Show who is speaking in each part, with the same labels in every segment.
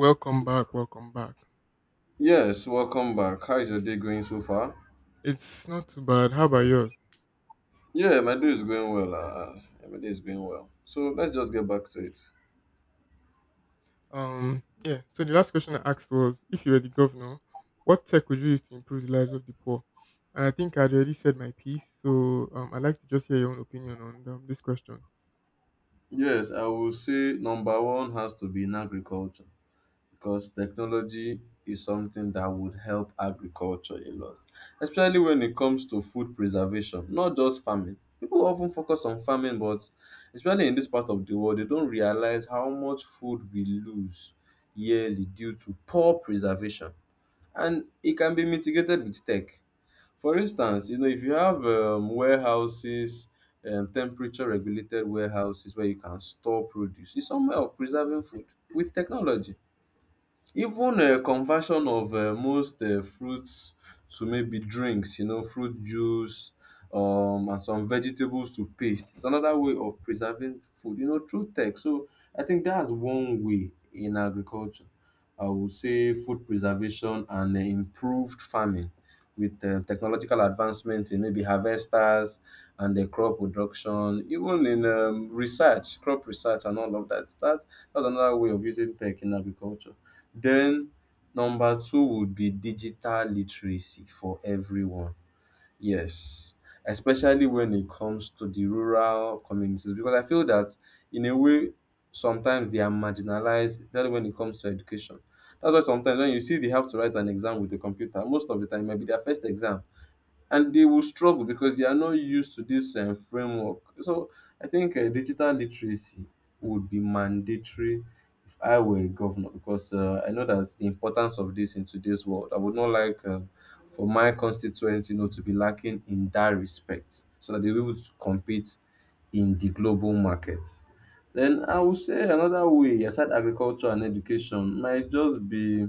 Speaker 1: Welcome back, welcome back.
Speaker 2: Yes, welcome back. How is your day going so far?
Speaker 1: It's not too bad. How about yours?
Speaker 2: Yeah, my day is going well. Yeah, my day is going well. So let's just get back to it.
Speaker 1: Yeah. So the last question I asked was, if you were the governor, what tech would you use to improve the lives of the poor? And I think I'd already said my piece, so I'd like to just hear your own opinion on this question.
Speaker 2: Yes, I will say number one has to be in agriculture because technology is something that would help agriculture a lot, especially when it comes to food preservation, not just farming. People often focus on farming, but especially in this part of the world, they don't realize how much food we lose yearly due to poor preservation. And it can be mitigated with tech. For instance, if you have temperature regulated warehouses where you can store produce, it's some way of preserving food with technology. Even conversion of most fruits to maybe drinks, fruit juice and some vegetables to paste is another way of preserving food, through tech. So I think that's one way in agriculture. I would say food preservation and improved farming with technological advancements in maybe harvesters and the crop production, even in research, crop research and all of that. That's another way of using tech in agriculture. Then number two would be digital literacy for everyone. Yes, especially when it comes to the rural communities, because I feel that in a way sometimes they are marginalized, especially when it comes to education. That's why sometimes when you see they have to write an exam with the computer, most of the time it might be their first exam, and they will struggle because they are not used to this framework. So I think digital literacy would be mandatory I were governor because I know that the importance of this in today's world. I would not like for my constituents, to be lacking in that respect, so that they will be able to compete in the global market. Then I would say another way, aside agriculture and education, might just be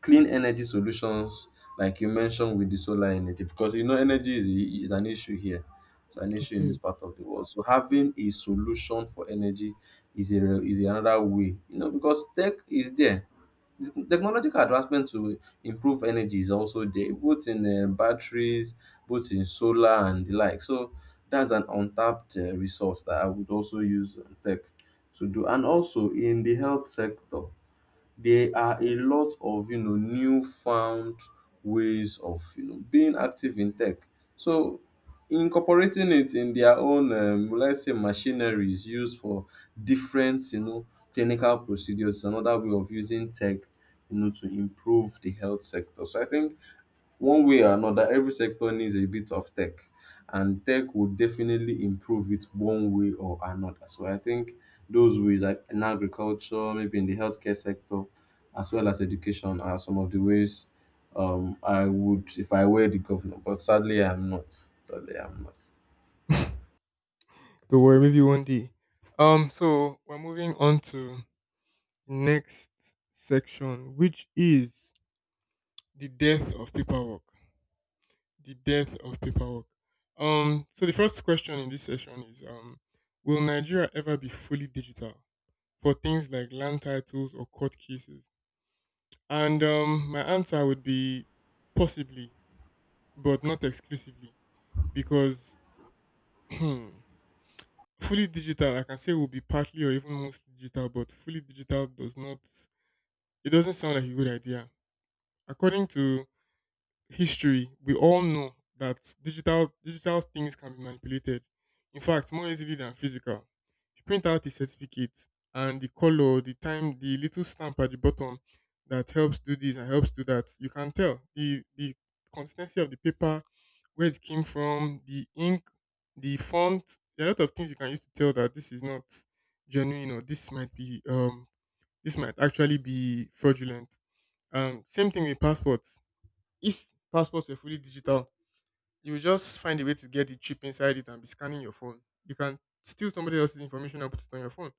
Speaker 2: clean energy solutions like you mentioned with the solar energy because energy is an issue here, it's an issue
Speaker 1: It
Speaker 2: in this
Speaker 1: is.
Speaker 2: part of the world, so having a solution for energy is another way, because tech is there. The technological advancement to improve energy is also there, both in batteries, both in solar and the like. So that's an untapped resource that I would also use tech to do, and also in the health sector there are a lot of newfound ways of being active in tech. So incorporating it in their own, let's say, machineries used for different clinical procedures is another way of using tech to improve the health sector. So I think one way or another every sector needs a bit of tech, and tech will definitely improve it one way or another. So I think those ways, like in agriculture, maybe in the healthcare sector as well as education, are some of the ways I would if I were the governor, but sadly I'm not. Sadly I'm not.
Speaker 1: Don't worry, maybe one day. So we're moving on to next section, which is the death of paperwork. The depth of paperwork. So the first question in this session is will Nigeria ever be fully digital for things like land titles or court cases? And my answer would be possibly, but not exclusively, because fully digital, I can say will be partly or even mostly digital, but fully digital does not. It doesn't sound like a good idea. According to history, we all know that digital things can be manipulated. In fact, more easily than physical. You print out the certificate and the color, the time, the little stamp at the bottom that helps do this and helps do that. You can tell the consistency of the paper, where it came from, the ink, the font. There are a lot of things you can use to tell that this is not genuine or this might be this might actually be fraudulent. Same thing with passports. If passports were fully digital, you would just find a way to get the chip inside it and be scanning your phone. You can steal somebody else's information and put it on your phone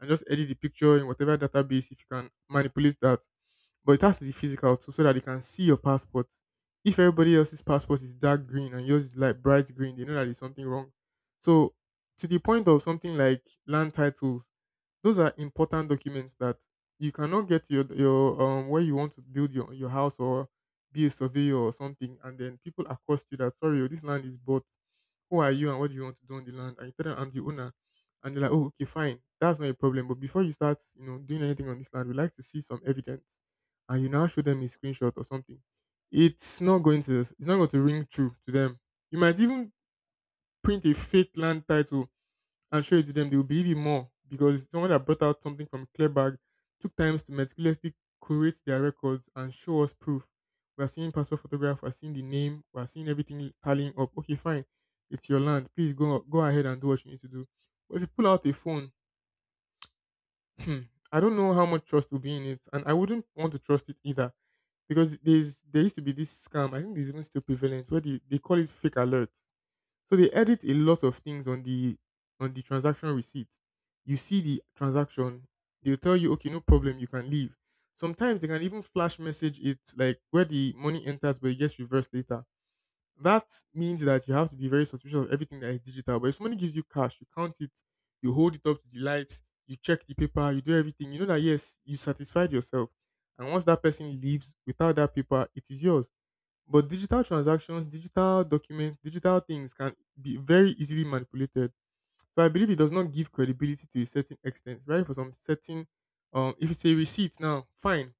Speaker 1: and just edit the picture in whatever database if you can manipulate that. But it has to be physical too, so that they can see your passport. If everybody else's passport is dark green and yours is like bright green, they know that there's something wrong. So, to the point of something like land titles, those are important documents that you cannot get to your where you want to build your house or be a surveyor or something, and then people accost you that sorry, oh, this land is bought. Who are you and what do you want to do on the land? And you tell them I'm the owner, and they're like, oh, okay, fine, that's not a problem. But before you start, you know, doing anything on this land, we like to see some evidence and you now show them a screenshot or something, it's not going to ring true to them. You might even print a fake land title and show it to them. They will believe it more because someone that brought out something from a clear bag took times to meticulously curate their records and show us proof. We are seeing passport photograph, we are seeing the name, we are seeing everything tallying up. Okay, fine, it's your land. Please go ahead and do what you need to do. But if you pull out a phone, I don't know how much trust will be in it, and I wouldn't want to trust it either because there used to be this scam. I think it's even still prevalent where they call it fake alerts. So they edit a lot of things on the transaction receipt. You see the transaction, they'll tell you, okay, no problem, you can leave. Sometimes they can even flash message it like where the money enters but it gets reversed later. That means that you have to be very suspicious of everything that is digital. But if somebody gives you cash, you count it, you hold it up to the light, you check the paper, you do everything. You know that yes, you satisfied yourself. And once that person leaves without that paper, it is yours. But digital transactions, digital documents, digital things can be very easily manipulated. So I believe it does not give credibility to a certain extent, right? For some certain, if it's a receipt now, fine,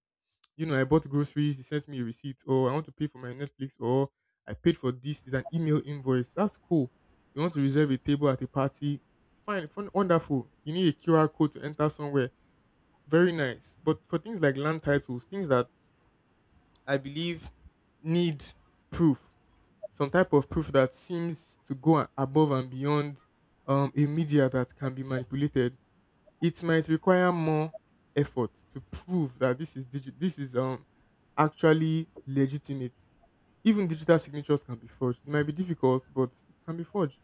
Speaker 1: you know, I bought groceries, he sent me a receipt, or I want to pay for my Netflix, or I paid for this, it's an email invoice. That's cool. You want to reserve a table at a party? Fine, fun, wonderful. You need a QR code to enter somewhere. Very nice. But for things like land titles, things that I believe need proof, some type of proof that seems to go above and beyond a media that can be manipulated, it might require more effort to prove that this is this is actually legitimate. Even digital signatures can be forged. It might be difficult, but it can be forged.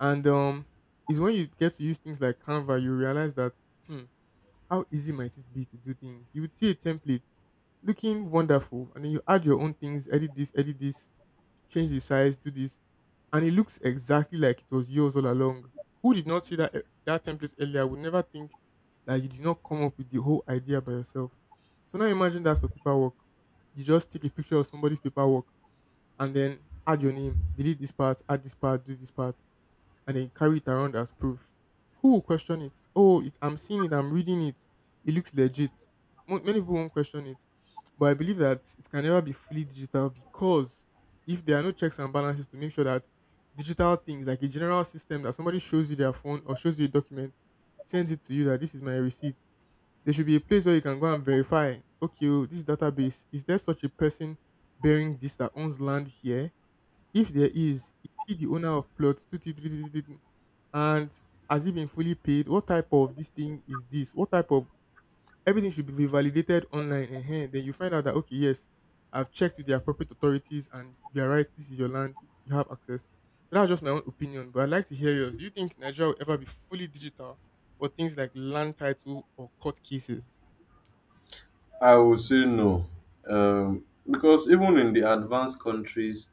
Speaker 1: And it's when you get to use things like Canva, you realize that hmm, how easy might it be to do things. You would see a template looking wonderful, and then you add your own things, edit this, change the size, do this. And it looks exactly like it was yours all along. Who did not see that that template earlier would never think that you did not come up with the whole idea by yourself. So now imagine that's for paperwork. You just take a picture of somebody's paperwork and then add your name, delete this part, add this part, do this part and then carry it around as proof. Who will question it? Oh, I'm seeing it, I'm reading it, it looks legit. Many people won't question it. But I believe that it can never be fully digital because if there are no checks and balances to make sure that digital things, like a general system that somebody shows you their phone or shows you a document, sends it to you that this is my receipt, there should be a place where you can go and verify, okay, oh, this database, is there such a person bearing this that owns land here? If there is he the owner of plot 233? And has it been fully paid? What type of this thing is this? What type of everything should be validated online, and then you find out that okay, yes, I've checked with the appropriate authorities and you're right, this is your land, you have access. So that's just my own opinion, but I'd like to hear yours. Do you think Nigeria will ever be fully digital for things like land title or court cases?
Speaker 2: I would say no, because even in the advanced countries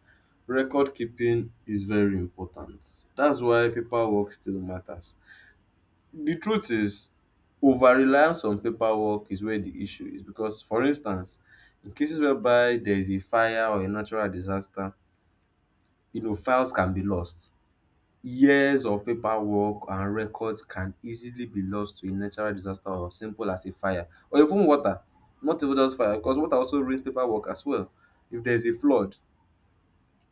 Speaker 2: record keeping is very important. That's why paperwork still matters. The truth is, over-reliance on paperwork is where the issue is because, for instance, in cases whereby there is a fire or a natural disaster, files can be lost. Years of paperwork and records can easily be lost to a natural disaster or simple as a fire or even water. Not even just fire, because water also ruins paperwork as well. If there's a flood,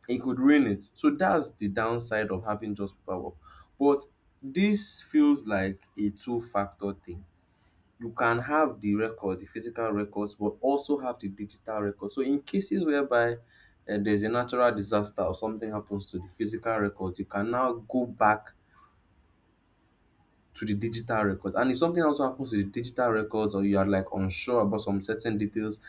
Speaker 2: it could ruin it. So that's the downside of having just paperwork. But this feels like a two-factor thing. You can have the records, the physical records, but also have the digital records. So in cases whereby there's a natural disaster or something happens to the physical records, you can now go back to the digital records. And if something also happens to the digital records, or you are like unsure about some certain details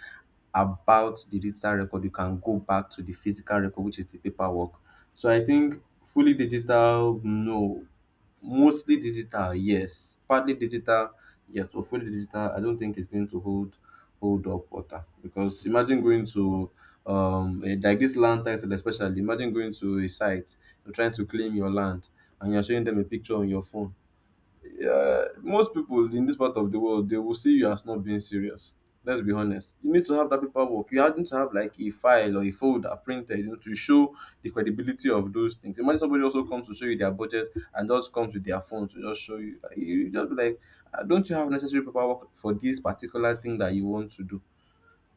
Speaker 2: about the digital record, you can go back to the physical record, which is the paperwork. So I think fully digital, no. Mostly digital, yes. Partly digital, yes, but fully digital, I don't think it's going to hold up water. Because imagine going to like this land title especially, imagine going to a site, you're trying to claim your land and you're showing them a picture on your phone. Most people in this part of the world, they will see you as not being serious. Let's be honest, you need to have that paperwork, you need to have like a file or a folder printed, to show the credibility of those things. Imagine somebody also comes to show you their budget and just comes with their phone to just show you. Like, you just be like, "Ah, don't you have necessary paperwork for this particular thing that you want to do?"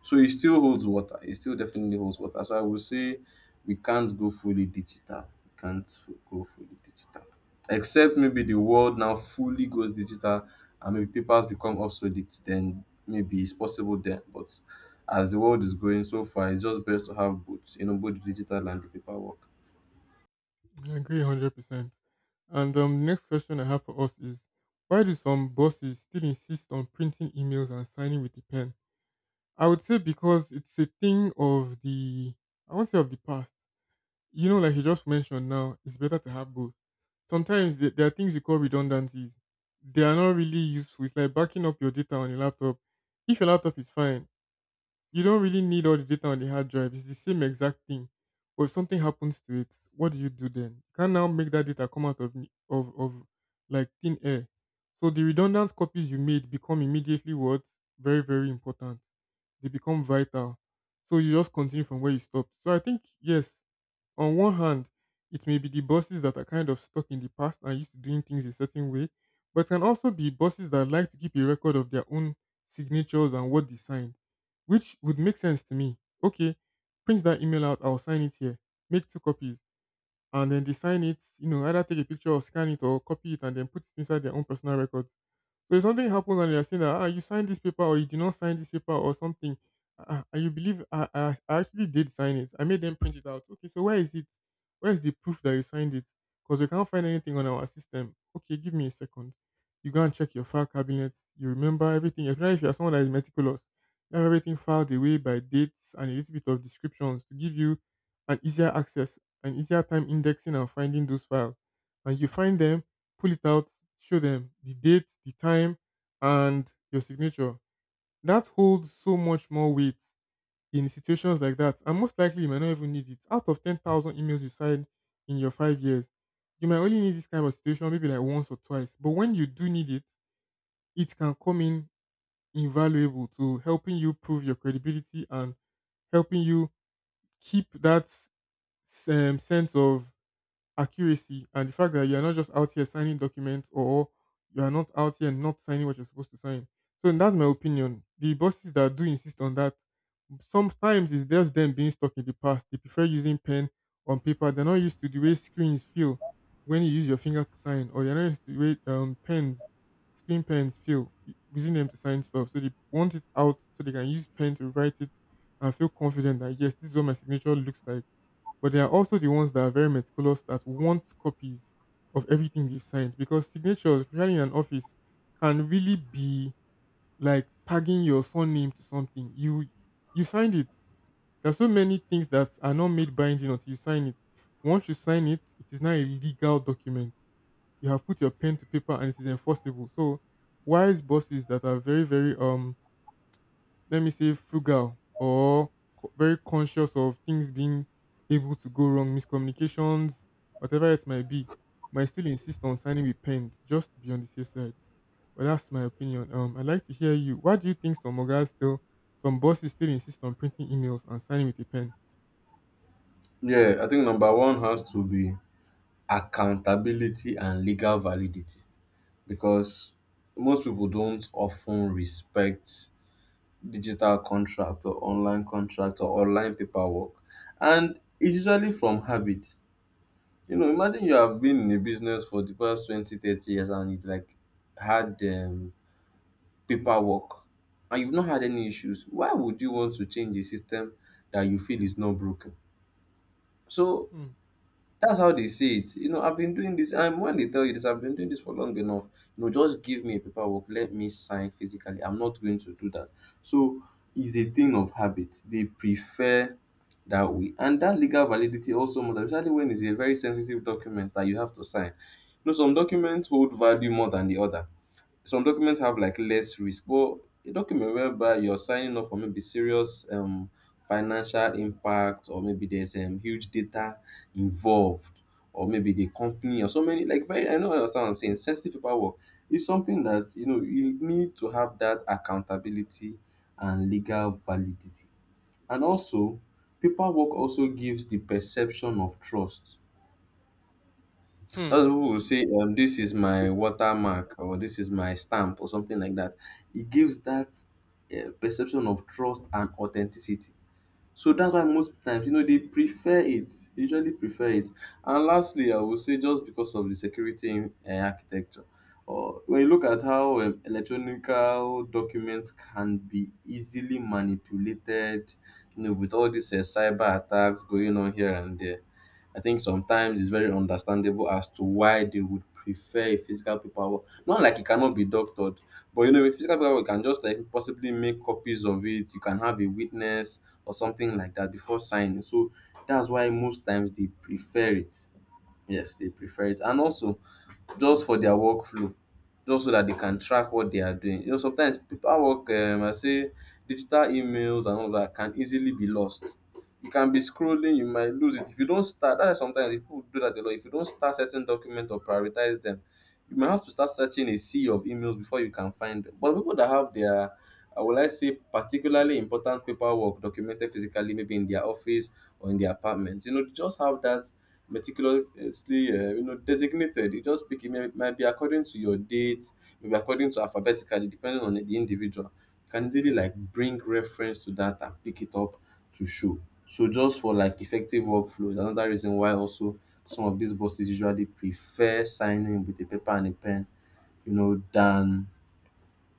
Speaker 2: So it still holds water. It still definitely holds water. So I would say we can't go fully digital. We can't go fully digital. Except maybe the world now fully goes digital and maybe papers become obsolete, then maybe it's possible then. But as the world is going so far, it's just best to have both, both the digital and the paperwork.
Speaker 1: I agree 100%. And the next question I have for us is why do some bosses still insist on printing emails and signing with a pen? I would say because it's a thing of the, I won't say of the past. You know, like you just mentioned now, it's better to have both. Sometimes there are things you call redundancies. They are not really useful. It's like backing up your data on your laptop. If your laptop is fine, you don't really need all the data on the hard drive. It's the same exact thing. But if something happens to it, what do you do then? You can now make that data come out of like thin air. So the redundant copies you made become immediately what? Very very important. They become vital. So you just continue from where you stopped. So I think yes, on one hand, it may be the bosses that are kind of stuck in the past and used to doing things a certain way, but can also be bosses that like to keep a record of their own signatures and what they signed, which would make sense to me. Okay, print that email out, I'll sign it here. Make two copies and then they sign it, you know, either take a picture or scan it or copy it and then put it inside their own personal records. So if something happens and they're saying that ah, you signed this paper or you did not sign this paper or something, ah, ah, you believe I actually did sign it. I made them print it out. Okay, so where is it? Where is the proof that you signed it? Because we can't find anything on our system. Okay, give me a second. You go and check your file cabinet. You remember everything. Especially if you're someone that is meticulous, you have everything filed away by dates and a little bit of descriptions to give you an easier access an easier time indexing and finding those files. And you find them, pull it out, show them the date, the time, and your signature. That holds so much more weight in situations like that. And most likely, you might not even need it. Out of 10,000 emails you sign in your 5 years, you might only need this kind of situation maybe like once or twice. But when you do need it, it can come in invaluable to helping you prove your credibility and helping you keep that sense of accuracy, and the fact that you're not just out here signing documents or you are not out here not signing what you're supposed to sign. So that's my opinion. The bosses that do insist on that, sometimes it's just them being stuck in the past. They prefer using pen on paper. They're not used to the way screens feel when you use your finger to sign, or they're not used to the way pens, screen pens feel using them to sign stuff. So they want it out so they can use pen to write it and feel confident that, yes, this is what my signature looks like, but they are also the ones that are very meticulous that want copies of everything they've signed, because signatures, especially in an office, can really be like tagging your surname to something. You signed it. There are so many things that are not made binding until you sign it. Once you sign it, it is now a legal document. You have put your pen to paper and it is enforceable. So wise bosses that are very, very let me say frugal or very conscious of things being able to go wrong, miscommunications, whatever it might be, might still insist on signing with pens just to be on the safe side. But that's my opinion. I'd like to hear you. Why do you think some bosses still insist on printing emails and signing with a pen?
Speaker 2: Yeah, I think number one has to be accountability and legal validity, because most people don't often respect digital contract or online paperwork, and it's usually from habit. Imagine you have been in a business for the past 20, 30 years and it like had paperwork, and you've not had any issues. Why would you want to change a system that you feel is not broken? So
Speaker 1: Hmm.
Speaker 2: that's how they say it. You know, I've been doing this, and when they tell you this, I've been doing this for long enough. You know, just give me a paperwork, let me sign physically. I'm not going to do that. So it's a thing of habit. They prefer that way, and that legal validity also matters, especially when it's a very sensitive document that you have to sign. You know, some documents hold value more than the other. Some documents have like less risk, but a document whereby you're signing up for maybe serious financial impact, or maybe there's huge data involved, or maybe the company, or so many, like, very, I know I understand what I'm saying, sensitive paperwork is something that you need to have that accountability and legal validity. And also paperwork also gives the perception of trust. Those
Speaker 1: Hmm.
Speaker 2: people will say, this is my watermark or this is my stamp or something like that. It gives that perception of trust and authenticity, so that's why most times, they prefer it. They usually prefer it. And lastly, I would say just because of the security in architecture. Or when you look at how electronic documents can be easily manipulated, with all these cyber attacks going on here and there, I think sometimes it's very understandable as to why they would prefer a physical paperwork. Not like it cannot be doctored, but with physical paperwork, you can just like possibly make copies of it. You can have a witness or something like that before signing. So that's why most times they prefer it. Yes, they prefer it. And also just for their workflow, just so that they can track what they are doing. You know, sometimes paper work, I say digital emails and all that can easily be lost. You can be scrolling, you might lose it. If you don't start, that's why sometimes people do that a lot. If you don't start certain documents or prioritize them, you might have to start searching a sea of emails before you can find them. But people that have their, I would like say, particularly important paperwork documented physically, maybe in their office or in their apartment, they just have that meticulously designated. You just pick it, may might be according to your date, maybe according to alphabetically, depending on the individual. You can easily like bring reference to that and pick it up to show. So just for like effective workflow is another reason why also some of these bosses usually prefer signing with a paper and a pen, than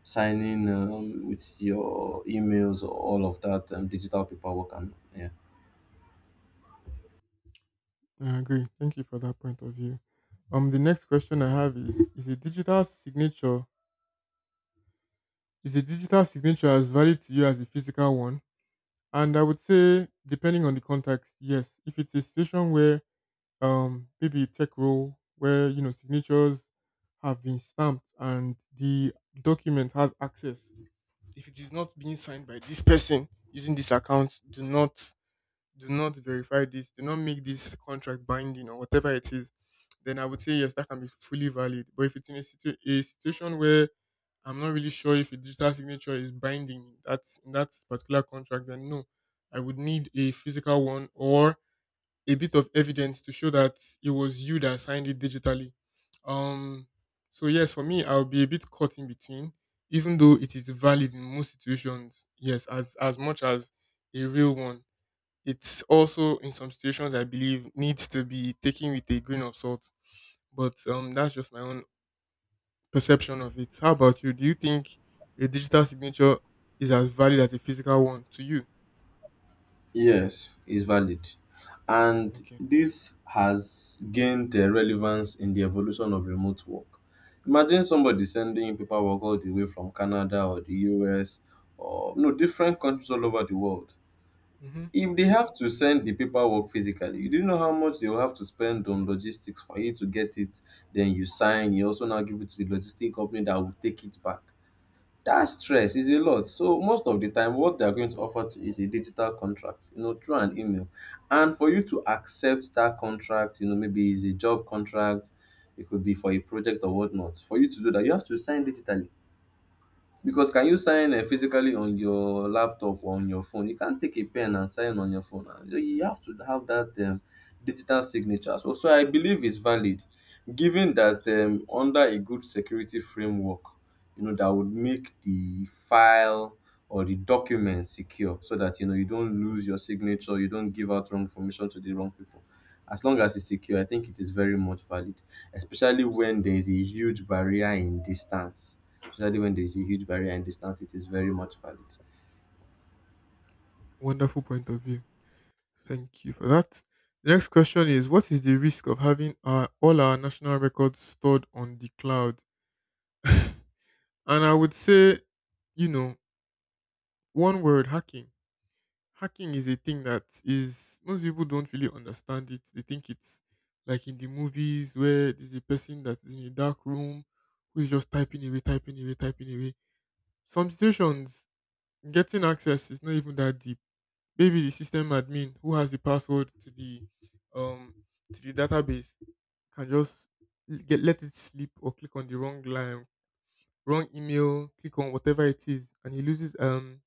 Speaker 2: signing with your emails or all of that digital paperwork. And yeah.
Speaker 1: I agree. Thank you for that point of view. The next question I have is: Is a digital signature as valid to you as a physical one? And I would say, depending on the context, yes. If it's a situation where maybe a tech role where, you know, signatures have been stamped and the document has access, if it is not being signed by this person using this account, do not verify this, do not make this contract binding or whatever it is, then I would say yes, that can be fully valid. But if it's in a situation where I'm not really sure if a digital signature is binding in that particular contract, then no, I would need a physical one or a bit of evidence to show that it was you that signed it digitally. Um, so yes, for me, I'll be a bit caught in between, even though it is valid in most situations. Yes, as much as a real one, it's also in some situations I believe needs to be taken with a grain of salt. But that's just my own perception of it. How about you? Do you think a digital signature is as valid as a physical one to you?
Speaker 2: Yes, is valid. And
Speaker 1: Okay.
Speaker 2: this has gained relevance in the evolution of remote work. Imagine somebody sending you paperwork all the way from Canada or the US or no different countries all over the world.
Speaker 1: Hmm.
Speaker 2: If they have to send the paperwork physically, you do know how much they will have to spend on logistics for you to get it. Then you sign, you also now give it to the logistic company that will take it back. That stress is a lot, so most of the time what they are going to offer to you is a digital contract, you know, through an email, and for you to accept that contract, you know, maybe it's a job contract, it could be for a project or whatnot. For you to do that, you have to sign digitally, because can you sign physically on your laptop or on your phone? You can't take a pen and sign on your phone. And so you have to have that digital signature. So I believe it's valid, given that under a good security framework, you know, that would make the file or the document secure, so that, you know, you don't lose your signature, you don't give out wrong information to the wrong people. As long as it's secure, I think it is very much valid, especially when there is a huge barrier in distance, especially when there's a huge barrier and distance, it is very much valid.
Speaker 1: Wonderful point of view. Thank you for that. The next question is: What is the risk of having our, all our national records stored on the cloud? And I would say, you know, one word: hacking. Hacking is a thing that is most people don't really understand it. They think it's like in the movies where there's a person that's in a dark room who's just typing away, typing away, typing away. Some situations, getting access is not even that deep. Maybe the system admin who has the password to um the database can just l- get let it slip, or click on the wrong line, wrong email, click on whatever it is, and he loses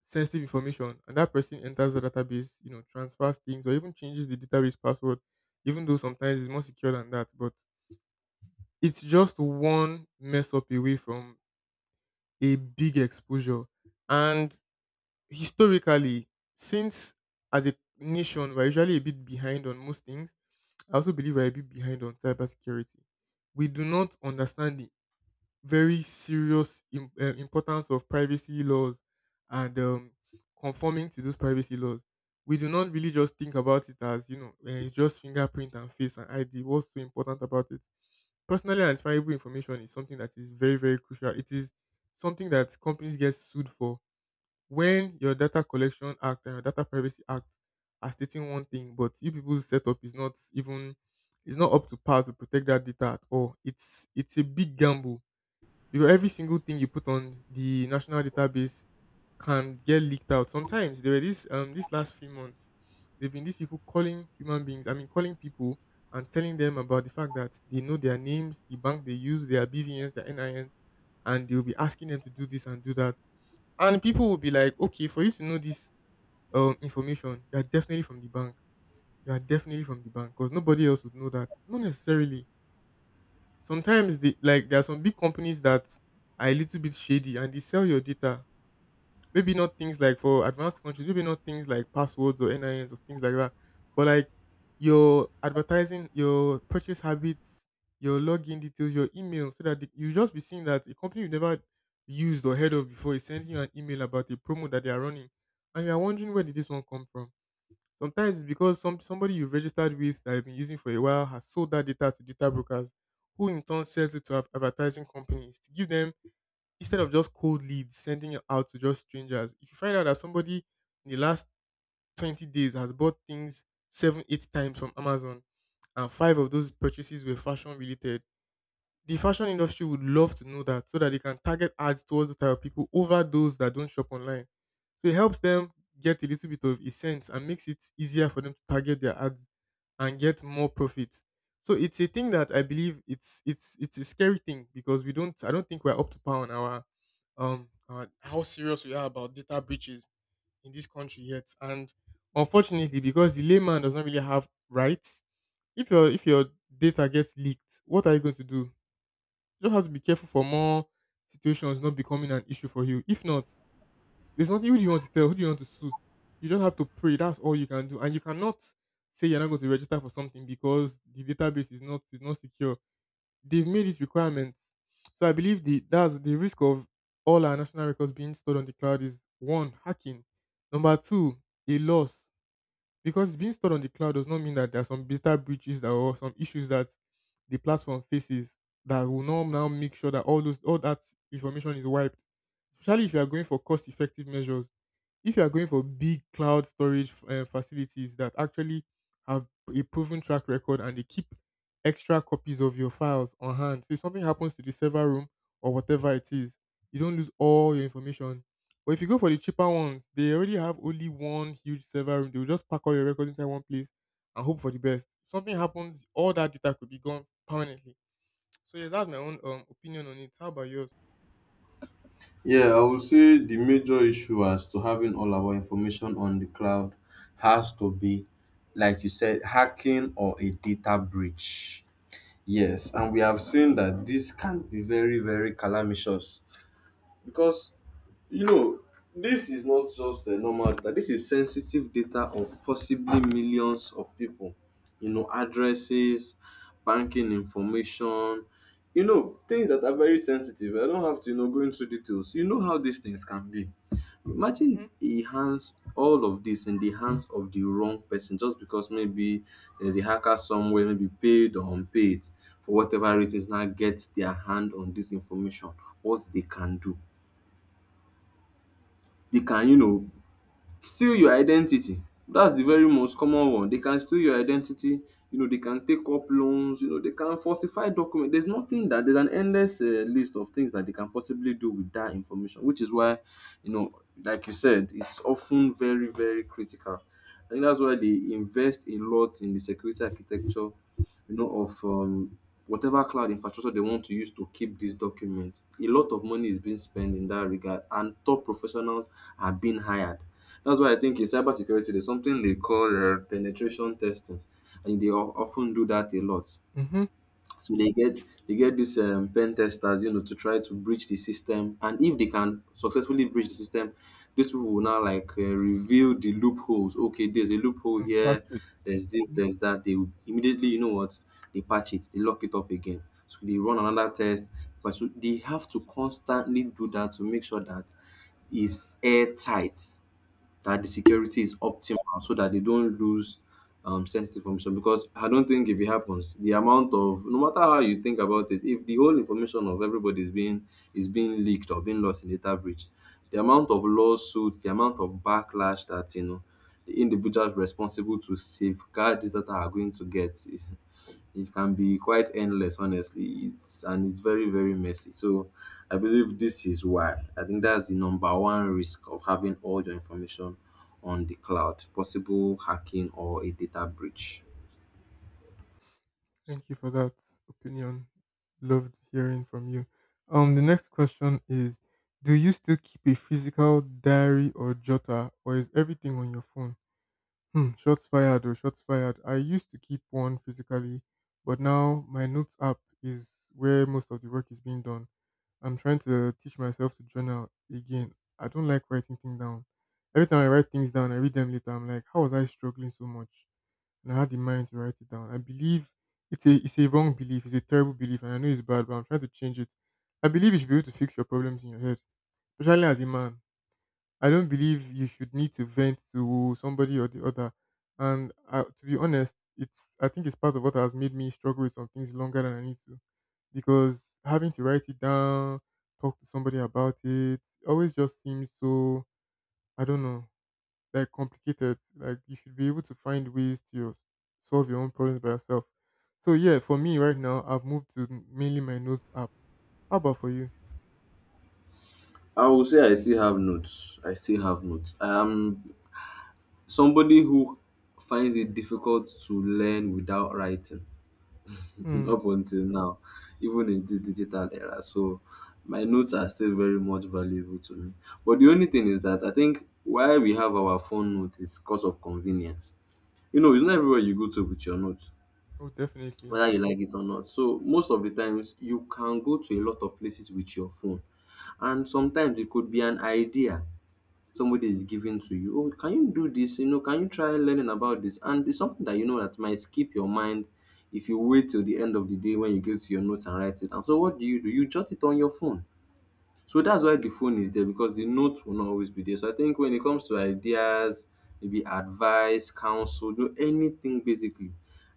Speaker 1: sensitive information, and that person enters the database, you know, transfers things or even changes the database password, even though sometimes it's more secure than that. But it's just one mess up away from a big exposure. And historically, since as a nation we're usually a bit behind on most things, I also believe we're a bit behind on cybersecurity. We do not understand the very serious importance of privacy laws and conforming to those privacy laws. We do not really just think about it as, you know, it's just fingerprint and face and ID. What's so important about it? Personally identifiable information is something that is very, very crucial. It is something that companies get sued for. When your Data Collection Act and your Data Privacy Act are stating one thing, but you people's setup is not even, it's not up to par to protect that data at all. It's a big gamble because every single thing you put on the national database can get leaked out. Sometimes there were this last few months, there've been these people calling human beings. I mean, calling people and telling them about the fact that they know their names, the bank they use, their BVNs, their NINs, and they will be asking them to do this and do that. And people will be like, okay, for you to know this information, you are definitely from the bank. You are definitely from the bank because nobody else would know that. Not necessarily. Sometimes they like there are some big companies that are a little bit shady and they sell your data. Maybe not things like for advanced countries, maybe not things like passwords or NINs or things like that, but like your advertising, your purchase habits, your login details, your email, so that they, you just be seeing that a company you never used or heard of before is sending you an email about a promo that they are running, and you are wondering where did this one come from. Sometimes it's because somebody you've registered with that you've been using for a while has sold that data to data brokers, who in turn sells it to advertising companies to give them, instead of just cold leads sending it out to just strangers. If you find out that somebody in the last 20 days has bought things seven, eight times from Amazon, and five of those purchases were fashion related, the fashion industry would love to know that so that they can target ads towards the type of people over those that don't shop online. So it helps them get a little bit of a sense and makes it easier for them to target their ads and get more profits. So it's a thing that I believe it's a scary thing, because we don't I don't think we're up to par on our how serious we are about data breaches in this country yet. And unfortunately, because the layman does not really have rights, if your data gets leaked, what are you going to do? You just have to be careful for more situations not becoming an issue for you. If not, there's nothing. Who do you want to tell, who do you want to sue? You just have to pray. That's all you can do. And you cannot say you're not going to register for something because the database is not secure. They've made it requirements. So I believe the that's the risk of all our national records being stored on the cloud is one, hacking. Number two, a loss. Because being stored on the cloud does not mean that there are some data breaches that or some issues that the platform faces that will now make sure that all that information is wiped. Especially if you are going for cost effective measures, if you are going for big cloud storage facilities that actually have a proven track record and they keep extra copies of your files on hand, so if something happens to the server room or whatever it is, you don't lose all your information. But if you go for the cheaper ones, they already have only one huge server room. They will just pack all your records inside one place and hope for the best. If something happens, all that data could be gone permanently. So yes, that's my own opinion on it. How about yours?
Speaker 2: Yeah, I would say the major issue as to having all our information on the cloud has to be, like you said, hacking or a data breach. Yes, and we have seen that this can be very, very calamitous because, you know, this is not just a normal data. This is sensitive data of possibly millions of people. You know, addresses, banking information, you know, things that are very sensitive. I don't have to, you know, go into details. You know how these things can be.
Speaker 1: Hmm.
Speaker 2: Imagine he hands all of this in the hands of the wrong person just because maybe there's a hacker somewhere, maybe paid or unpaid, for whatever it is, now gets their hand on this information, what they can do. They can, you know, steal your identity. That's the very most common one. They can steal your identity, you know, they can take up loans, you know, they can falsify documents. There's nothing that there's an endless list of things that they can possibly do with that information, which is why, you know, like you said, it's often very, very critical. I think dats why they invest a lot in the security architecture, you know, of whatever cloud infrastructure they want to use to keep these documents. A lot of money is being spent in that regard, and top professionals are being hired. That's why I think in cybersecurity, there's something they call penetration testing, and they often do that a lot.
Speaker 1: Mm-hmm.
Speaker 2: So they get these pen testers, you know, to try to breach the system. And if they can successfully breach the system, these people will now like reveal the loopholes. Okay, there's a loophole here.
Speaker 1: Patrick.
Speaker 2: There's this. There's that. They will immediately, you know what? They patch it. They lock it up again. So they run another test. But so they have to constantly do that to make sure that it's airtight, that the security is optimal, so that they don't lose sensitive information, because I don't think if it happens, the amount of, no matter how you think about it, if the whole information of everybody is being leaked or being lost in data breach, the amount of lawsuits, the amount of backlash that, you know, the individuals responsible to safeguard this data are going to get, is, it can be quite endless, honestly. It's, and it's very, very messy. So I believe this is why I think that's the number one risk of having all your information on the cloud, possible hacking or a data breach.
Speaker 1: Thank you for that opinion. Loved hearing from you. The next question is: Do you still keep a physical diary or jotter, or is everything on your phone? Hmm, shots fired or shots fired. I used to keep one physically, but now my notes app is where most of the work is being done. I'm trying to teach myself to journal again. I don't like writing things down. Every time I write things down, I read them later. I'm like, how was I struggling so much, and I had the mind to write it down? I believe it's a wrong belief. It's a terrible belief, and I know it's bad, but I'm trying to change it. I believe you should be able to fix your problems in your head, especially as a man. I don't believe you should need to vent to somebody or the other. And To be honest, it's I think it's part of what has made me struggle with some things longer than I need to because having to write it down, talk to somebody about it, always just seems so I don't know, like, complicated. Like, you should be able to find ways to your, solve your own problems by yourself. So yeah, for me right now, I've moved to mainly my notes app. How about for you?
Speaker 2: I will say I still have notes I still have notes I'm somebody who finds it difficult to learn without writing,
Speaker 1: Hmm.
Speaker 2: up until now, even in this digital era. So my notes are still very much valuable to me. But the only thing is that I think why we have our phone notes is because of convenience. You know, it's not everywhere you go to with your notes,
Speaker 1: Oh, definitely.
Speaker 2: whether you like it or not. So most of the times you can go to a lot of places with your phone. And sometimes it could be an idea somebody is giving to you. Oh, can you do this? You know, can you try learning about this? And it's something that, you know, that might skip your mind if you wait till the end of the day when you get to your notes and write it down. So what do you do? You jot it on your phone. So that's why the phone is there, because the note will not always be there. So I think when it comes to ideas, maybe advice, counsel, you know, anything basically,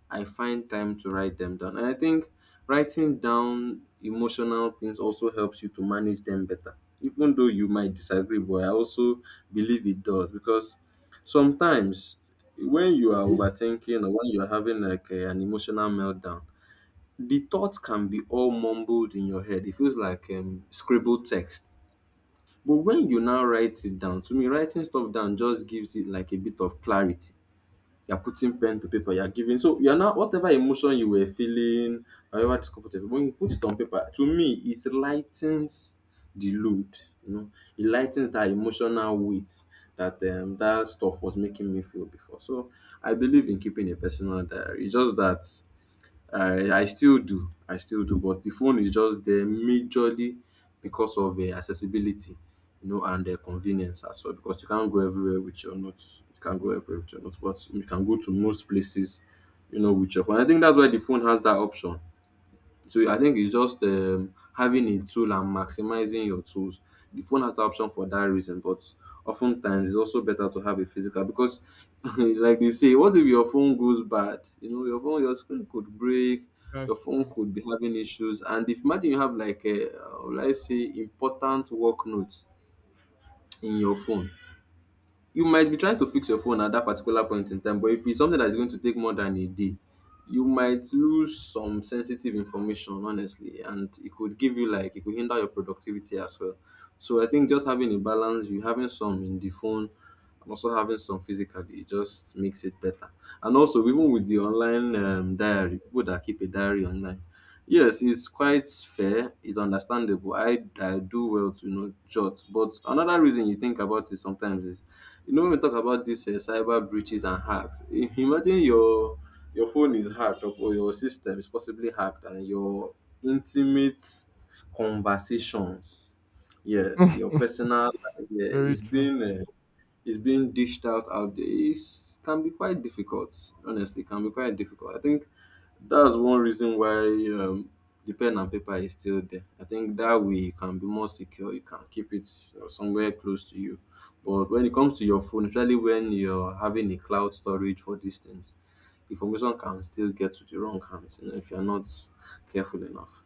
Speaker 2: I find time to write them down. And I think writing down emotional things also helps you to manage them better. Even though you might disagree, but I also believe it does, because sometimes when you are overthinking or when you're having like a, an emotional meltdown, the thoughts can be all mumbled in your head. It feels like scribbled text, but when you now write it down, to me writing stuff down just gives it like a bit of clarity. You're putting pen to paper, you're giving, so you're now, whatever emotion you were feeling, however discomfortable, when you put it on paper, to me it lightens the load, you know, it lightens that emotional weight that that stuff was making me feel before. So I believe in keeping a personal diary. It's just that I still do. I still do, but the phone is just there majorly because of accessibility, you know, and convenience as well, because you can't go everywhere with your notes. You can't go everywhere with your notes, but you can go to most places, you know, with your phone. I think that's why the phone has that option. So I think it's just having a tool and maximizing your tools. The phone has the option for that reason, but oftentimes it's also better to have a physical because, like they say, what if your phone goes bad? You know, your phone, your screen could break,
Speaker 1: That's
Speaker 2: your phone
Speaker 1: true.
Speaker 2: could be having issues, and if, imagine you have like a, let's say, important work notes in your phone, you might be trying to fix your phone at that particular point in time, but if it's something that's going to take more than a day, you might lose some sensitive information, honestly, and it could give you like, it could hinder your productivity as well. So I think just having a balance, you having some in the phone and also having some physically, it just makes it better. And also even with the online diary, people that keep a diary online, yes, it's quite fair, it's understandable. I do well to, you know, jot, but another reason, you think about it sometimes, is, you know, when we talk about these cyber breaches and hacks, imagine your phone is hacked, or your system is possibly hacked, and your intimate conversations, yes, your personal life
Speaker 1: Very true.
Speaker 2: is being dished out out there. It can be quite difficult, honestly, it can be quite difficult. I think that's one reason why the pen and paper is still there. I think that way you can be more secure. You can keep it somewhere close to you. But when it comes to your phone, especially when you're having a cloud storage for distance, things, information can still get to the wrong hands, you know, if you're not careful enough.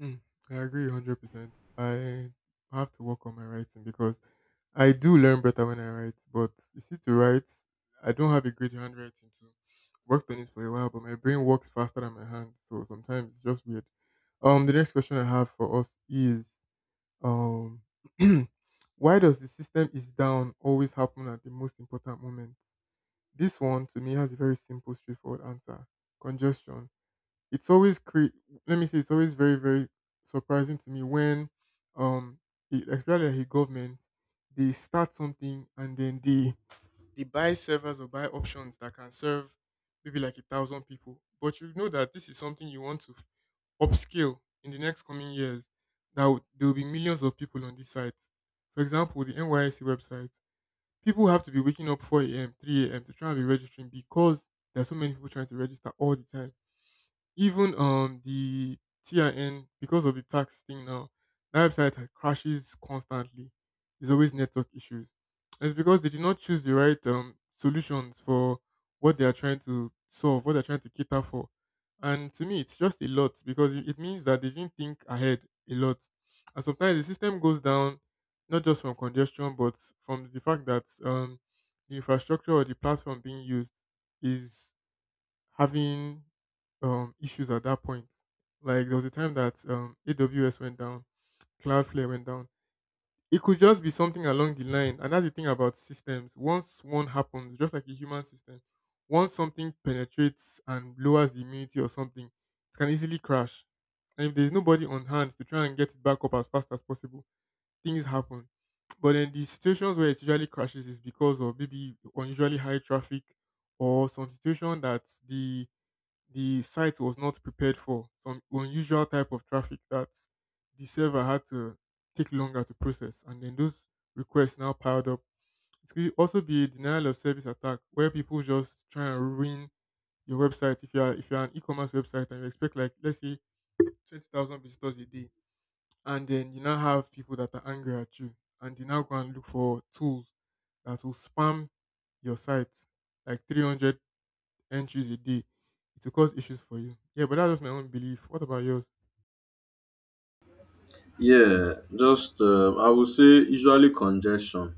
Speaker 1: Mm, I agree 100%. I have to work on my writing because I do learn better when I write, but you see, to write, I don't have a great handwriting, so worked on it for a while, but my brain works faster than my hand, so sometimes it's just weird. The next question I have for us is, um, why does the system is down always happen at the most important moments? This one to me has a very simple, straightforward answer: congestion. it's always cre- Let me say it's always very surprising to me when um the, especially like the government, they start something and then they buy servers or buy options that can serve maybe like a thousand people, but you know that this is something you want to upscale in the next coming years, that would, there will be millions of people on these sites. For example, the nysc website, people have to be waking up 4 a.m., 3 a.m. to try and be registering because there are so many people trying to register all the time. Even the TIN, because of the tax thing now, that website crashes constantly. There's always network issues. And it's because they did not choose the right solutions for what they are trying to solve, what they're trying to cater for. And to me, it's just a lot because it means that they didn't think ahead a lot. And sometimes the system goes down, not just from congestion, but from the fact that the infrastructure or the platform being used is having issues at that point. Like there was a time that AWS went down, Cloudflare went down. It could just be something along the line, and that's the thing about systems. Once one happens, just like a human system, once something penetrates and lowers the immunity or something, it can easily crash. And if there's nobody on hand to try and get it back up as fast as possible, things happen. But then the situations where it usually crashes is because of maybe unusually high traffic or some situation that the site was not prepared for, some unusual type of traffic that the server had to take longer to process. And then those requests now piled up. It could also be a denial of service attack where people just try and ruin your website. If you're an e-commerce website and you expect like, let's say, 20,000 visitors a day, and then you now have people that are angry at you, and they now go and look for tools that will spam your site like 300 entries a day, it will cause issues for you. Yeah, but that's just my own belief. What about yours?
Speaker 2: Yeah, just I would say usually congestion.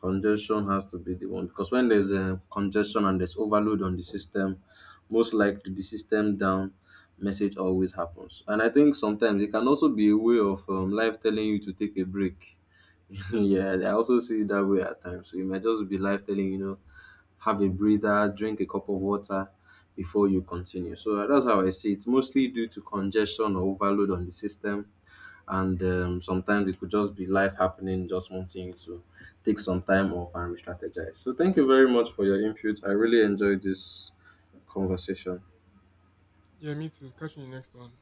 Speaker 2: Congestion has to be the one, because when there's a congestion and there's overload on the system, most likely the system down message always happens. And I think sometimes it can also be a way of life telling you to take a break. Yeah, I also see it that way at times. So it might just be life telling you, you know, have a breather, drink a cup of water before you continue. So that's how I see it. It's mostly due to congestion or overload on the system, and sometimes it could just be life happening, just wanting you to take some time off and re-strategize. So thank you very much for your input. I really enjoyed this conversation.
Speaker 1: Yeah, me too. Catch you in the next one.